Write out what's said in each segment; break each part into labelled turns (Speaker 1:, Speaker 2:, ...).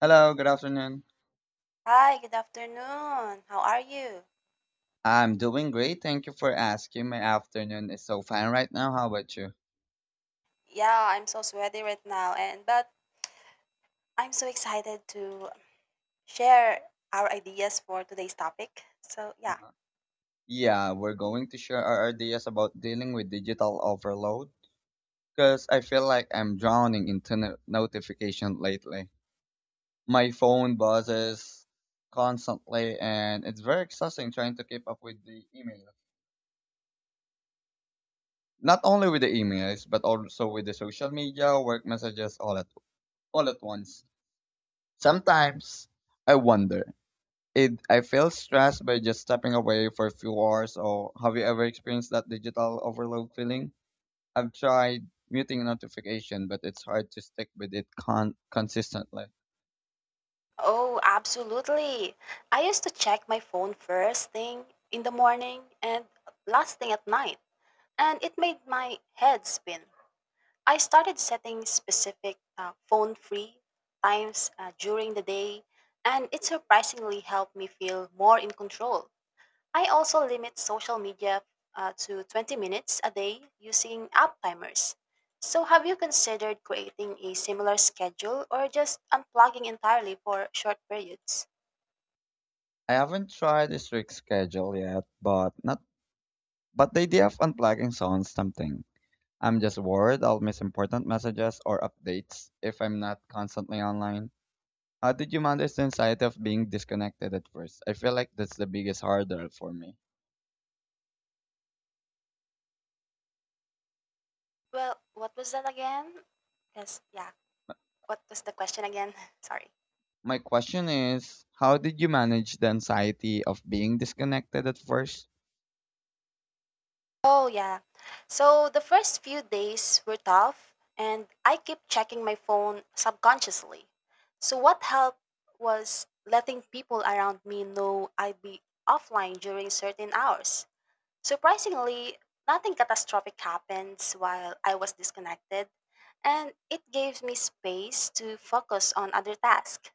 Speaker 1: Hello, good afternoon.
Speaker 2: Hi, good afternoon. How are you?
Speaker 1: I'm doing great. Thank you for asking. My afternoon is so fine right now. How about you?
Speaker 2: Yeah, I'm so sweaty right now and but I'm so excited to share our ideas for today's topic. So, yeah.
Speaker 1: Uh-huh. Yeah, we're going to share our ideas about dealing with digital overload because I feel like I'm drowning in notification lately. My phone buzzes constantly, and it's very exhausting trying to keep up with the emails. Not only with the emails, but also with the social media, work messages all at once. Sometimes I wonder. It I feel stressed by just stepping away for a few hours. Or have you ever experienced that digital overload feeling? I've tried muting notification, but it's hard to stick with it consistently.
Speaker 2: Oh, absolutely. I used to check my phone first thing in the morning and last thing at night, and it made my head spin. I started setting specific phone-free times during the day, and it surprisingly helped me feel more in control. I also limit social media to 20 minutes a day using app timers. So, have you considered creating a similar schedule or just unplugging entirely for short periods?
Speaker 1: I haven't tried a strict schedule yet, but not but the idea of unplugging sounds tempting. I'm just worried I'll miss important messages or updates if I'm not constantly online. How did you manage the anxiety of being disconnected at first? I feel like that's the biggest hurdle for me.
Speaker 2: Well, what was that again? Yes, yeah. What was the question again? Sorry.
Speaker 1: My question is, how did you manage the anxiety of being disconnected at first?
Speaker 2: Oh, yeah. So the first few days were tough, and I kept checking my phone subconsciously. So, what helped was letting people around me know I'd be offline during certain hours. Surprisingly, nothing catastrophic happens while I was disconnected, and it gave me space to focus on other tasks.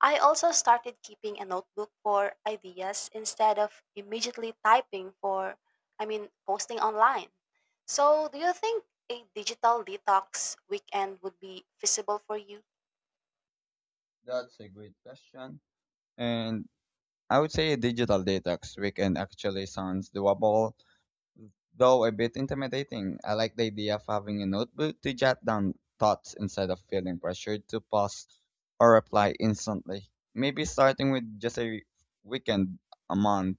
Speaker 2: I also started keeping a notebook for ideas instead of immediately typing for, I mean, posting online. So, do you think a digital detox weekend would be feasible for you?
Speaker 1: That's a great question. And I would say a digital detox weekend actually sounds doable, though a bit intimidating. I like the idea of having a notebook to jot down thoughts instead of feeling pressured to pause or reply instantly. Maybe starting with just a weekend a month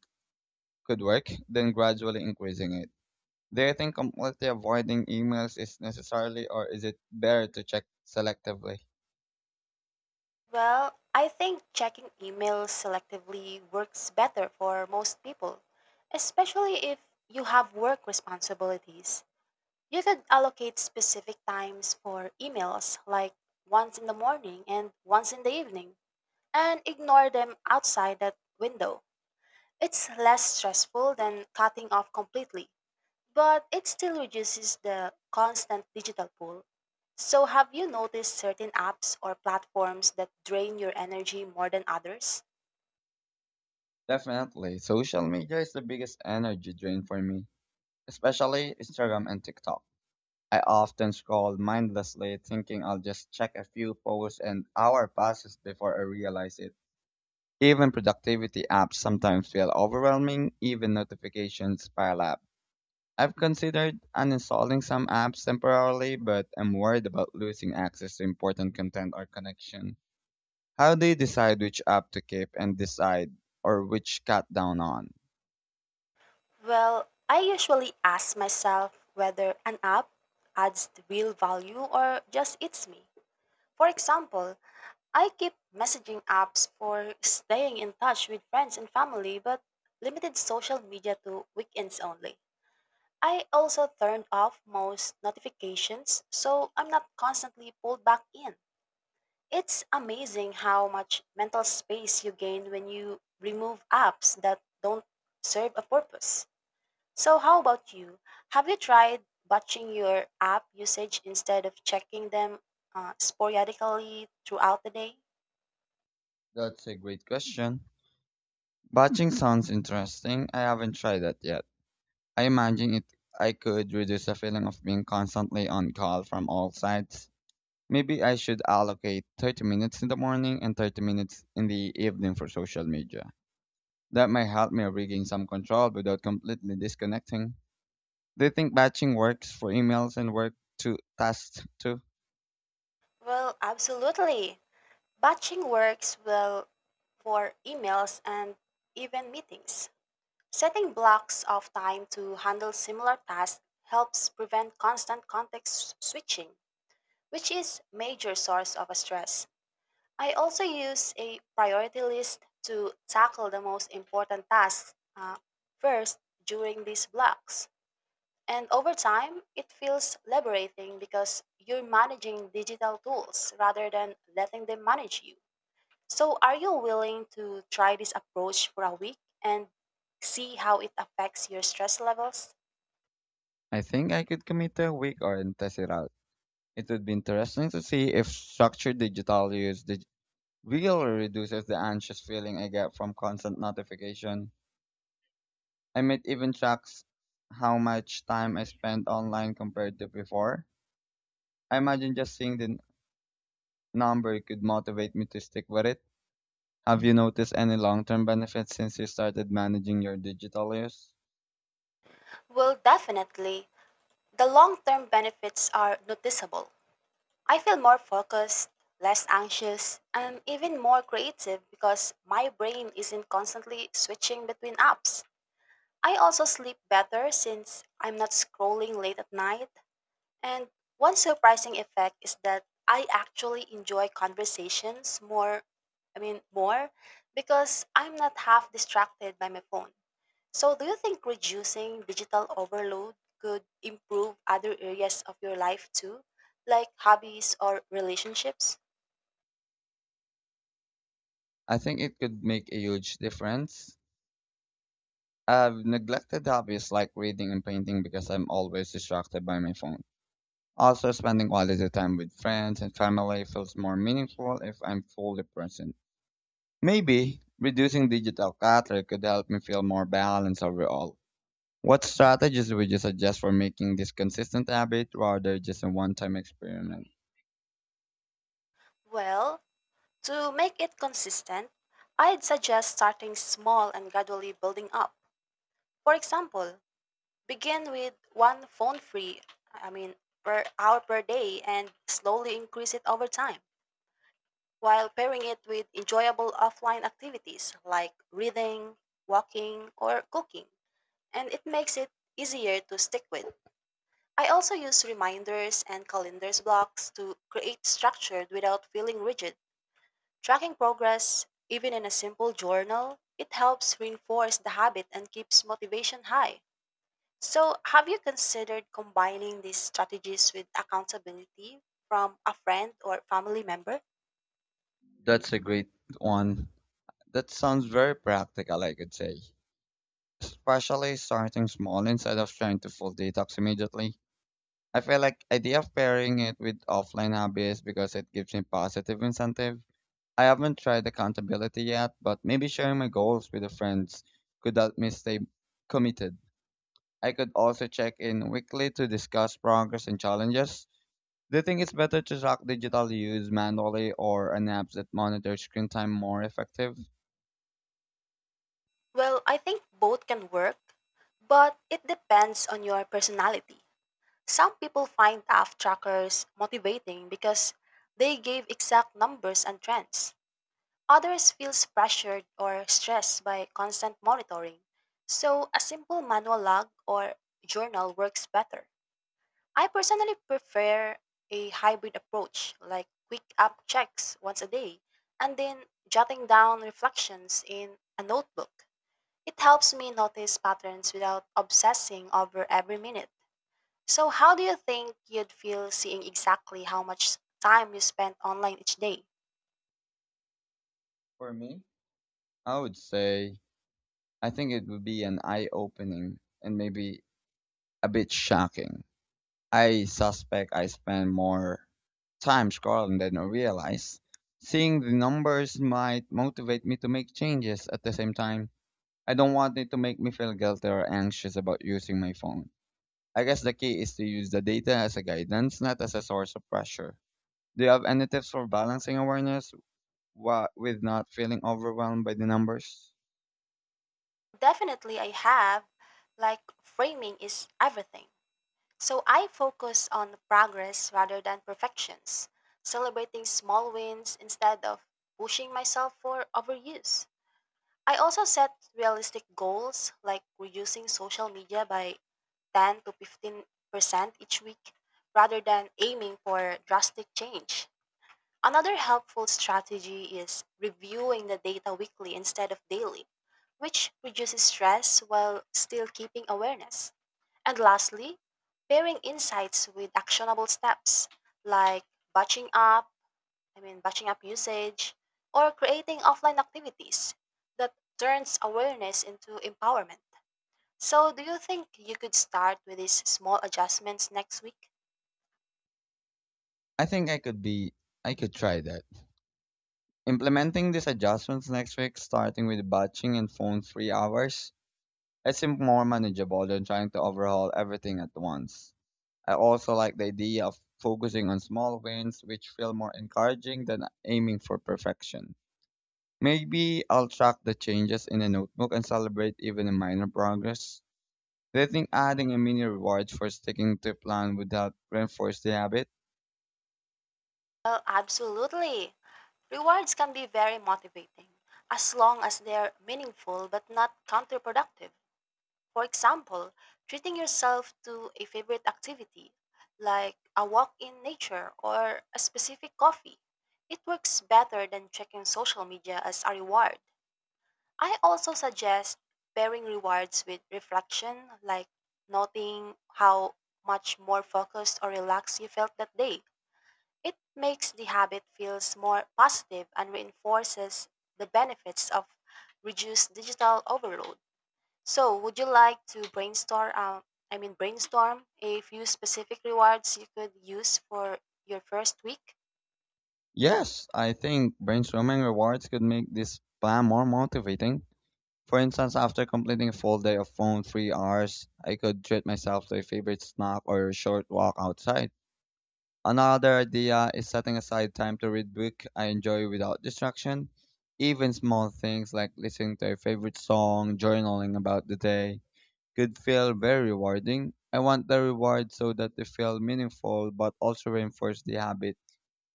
Speaker 1: could work, then gradually increasing it. Do you think completely avoiding emails is necessarily, or is it better to check selectively?
Speaker 2: Well, I think checking emails selectively works better for most people, especially if you have work responsibilities. You could allocate specific times for emails, like once in the morning and once in the evening, and ignore them outside that window. It's less stressful than cutting off completely, but it still reduces the constant digital pull. So, have you noticed certain apps or platforms that drain your energy more than others?
Speaker 1: Definitely. Social media is the biggest energy drain for me, especially Instagram and TikTok. I often scroll mindlessly, thinking I'll just check a few posts, and hour passes before I realize it. Even productivity apps sometimes feel overwhelming, even notifications pile up. I've considered uninstalling some apps temporarily, but I'm worried about losing access to important content or connection. How they decide which app to keep and decide, or which cut down on?
Speaker 2: Well, I usually ask myself whether an app adds real value or just eats me. For example, I keep messaging apps for staying in touch with friends and family, but limited social media to weekends only. I also turned off most notifications, so I'm not constantly pulled back in. It's amazing how much mental space you gain when you remove apps that don't serve a purpose. So, how about you? Have you tried watching your app usage instead of checking them sporadically throughout the day?
Speaker 1: That's a great question. Batching sounds interesting. I haven't tried that yet. I imagine it I could reduce the feeling of being constantly on call from all sides. Maybe I should allocate 30 minutes in the morning and 30 minutes in the evening for social media. That might help me regain some control without completely disconnecting. Do you think batching works for emails and work to tasks too?
Speaker 2: Well, absolutely. Batching works well for emails and even meetings. Setting blocks of time to handle similar tasks helps prevent constant context switching, which is major source of stress. I also use a priority list to tackle the most important tasks first during these blocks. And over time, it feels liberating because you're managing digital tools rather than letting them manage you. So, are you willing to try this approach for a week and see how it affects your stress levels?
Speaker 1: I think I could commit to a week or and test it out. It would be interesting to see if structured digital use really reduces the anxious feeling I get from constant notification. I might even track how much time I spend online compared to before. I imagine just seeing the number could motivate me to stick with it. Have you noticed any long-term benefits since you started managing your digital use?
Speaker 2: Well, definitely. The long term benefits are noticeable. I feel more focused, less anxious, and even more creative because my brain isn't constantly switching between apps. I also sleep better since I'm not scrolling late at night, and one surprising effect is that I actually enjoy conversations more, I mean, more because I'm not half distracted by my phone. So, do you think reducing digital overload could improve other areas of your life too, like hobbies or relationships?
Speaker 1: I think it could make a huge difference. I've neglected hobbies like reading and painting because I'm always distracted by my phone. Also, spending quality time with friends and family feels more meaningful if I'm fully present. Maybe reducing digital clutter could help me feel more balanced overall. What strategies would you suggest for making this consistent habit rather just a one-time experiment?
Speaker 2: Well, to make it consistent, I'd suggest starting small and gradually building up. For example, begin with one phone free, I mean, per hour per day and slowly increase it over time while pairing it with enjoyable offline activities like reading, walking, or cooking. And it makes it easier to stick with. I also use reminders and calendars blocks to create structure without feeling rigid. Tracking progress, even in a simple journal, it helps reinforce the habit and keeps motivation high. So, have you considered combining these strategies with accountability from a friend or family member?
Speaker 1: That's a great one. That sounds very practical, I could say. Especially starting small instead of trying to full detox immediately. I feel like idea of pairing it with offline hobbies because it gives me positive incentive. I haven't tried accountability yet, but maybe sharing my goals with the friends could help me stay committed. I could also check in weekly to discuss progress and challenges. Do you think it's better to track digital use manually, or an app that monitors screen time more effective?
Speaker 2: Well, I think both can work, but it depends on your personality. Some people find task trackers motivating because they give exact numbers and trends. Others feels pressured or stressed by constant monitoring. So, a simple manual log or journal works better. I personally prefer a hybrid approach, like quick app checks once a day and then jotting down reflections in a notebook. It helps me notice patterns without obsessing over every minute. So, how do you think you'd feel seeing exactly how much time you spend online each day?
Speaker 1: For me, I would say I think it would be an eye opening and maybe a bit shocking. I suspect I spend more time scrolling than I realize. Seeing the numbers might motivate me to make changes at the same time. I don't want it to make me feel guilty or anxious about using my phone. I guess the key is to use the data as a guidance, not as a source of pressure. Do you have any tips for balancing awareness with not feeling overwhelmed by the numbers?
Speaker 2: Definitely, I have. Like, framing is everything. So I focus on the progress rather than perfections, celebrating small wins instead of pushing myself for overuse. I also set realistic goals like reducing social media by 10 to 15% each week rather than aiming for drastic change. Another helpful strategy is reviewing the data weekly instead of daily, which reduces stress while still keeping awareness. And lastly, pairing insights with actionable steps like batching up, I mean, batching up usage, or creating offline activities that turns awareness into empowerment. So, do you think you could start with these small adjustments next week?
Speaker 1: I think I could be, I could try that. Implementing these adjustments next week, starting with batching and phone free hours, it seemed more manageable than trying to overhaul everything at once. I also like the idea of focusing on small wins, which feel more encouraging than aiming for perfection. Maybe I'll track the changes in a notebook and celebrate even a minor progress. Do you think adding a mini reward for sticking to a plan would help reinforce the habit?
Speaker 2: Well, absolutely. Rewards can be very motivating as long as they're meaningful but not counterproductive. For example, treating yourself to a favorite activity, like a walk in nature or a specific coffee. It works better than checking social media as a reward. I also suggest pairing rewards with reflection, like noting how much more focused or relaxed you felt that day. It makes the habit feels more positive and reinforces the benefits of reduced digital overload. So, would you like to brainstorm? I mean, brainstorm a few specific rewards you could use for your first week.
Speaker 1: Yes, I think brainstorming rewards could make this plan more motivating. For instance, after completing a full day of phone-free hours, I could treat myself to a favorite snack or a short walk outside. Another idea is setting aside time to read book I enjoy without distraction. Even small things like listening to a favorite song, journaling about the day, could feel very rewarding. I want the reward so that they feel meaningful but also reinforce the habit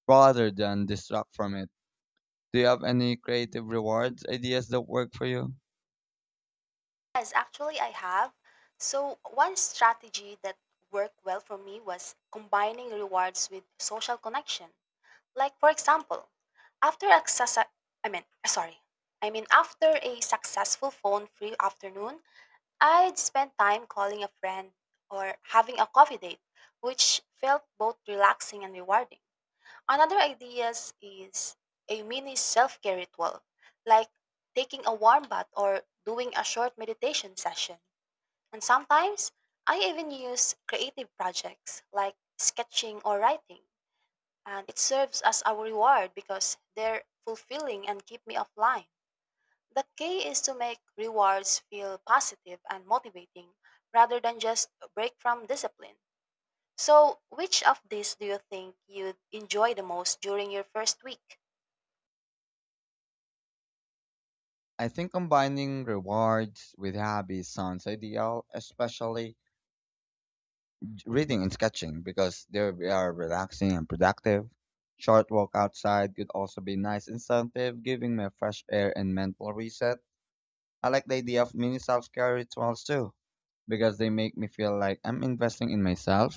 Speaker 1: rather than distract from it. Do you have any creative rewards ideas that work for you?
Speaker 2: Yes, actually, I have. So, one strategy that worked well for me was combining rewards with social connection. Like, for example, after a success, I mean, sorry, I mean, after a successful phone-free afternoon, I'd spend time calling a friend or having a coffee date, which felt both relaxing and rewarding. Another idea is a mini self care ritual, like taking a warm bath or doing a short meditation session. And sometimes I even use creative projects like sketching or writing. And it serves as a reward because they're fulfilling and keep me offline. The key is to make rewards feel positive and motivating rather than just a break from discipline. So, which of these do you think you'd enjoy the most during your first week?
Speaker 1: I think combining rewards with hobbies sounds ideal, especially reading and sketching because they are relaxing and productive. Short walk outside could also be nice incentive, giving me fresh air and mental reset. I like the idea of mini self-care rituals too because they make me feel like I'm investing in myself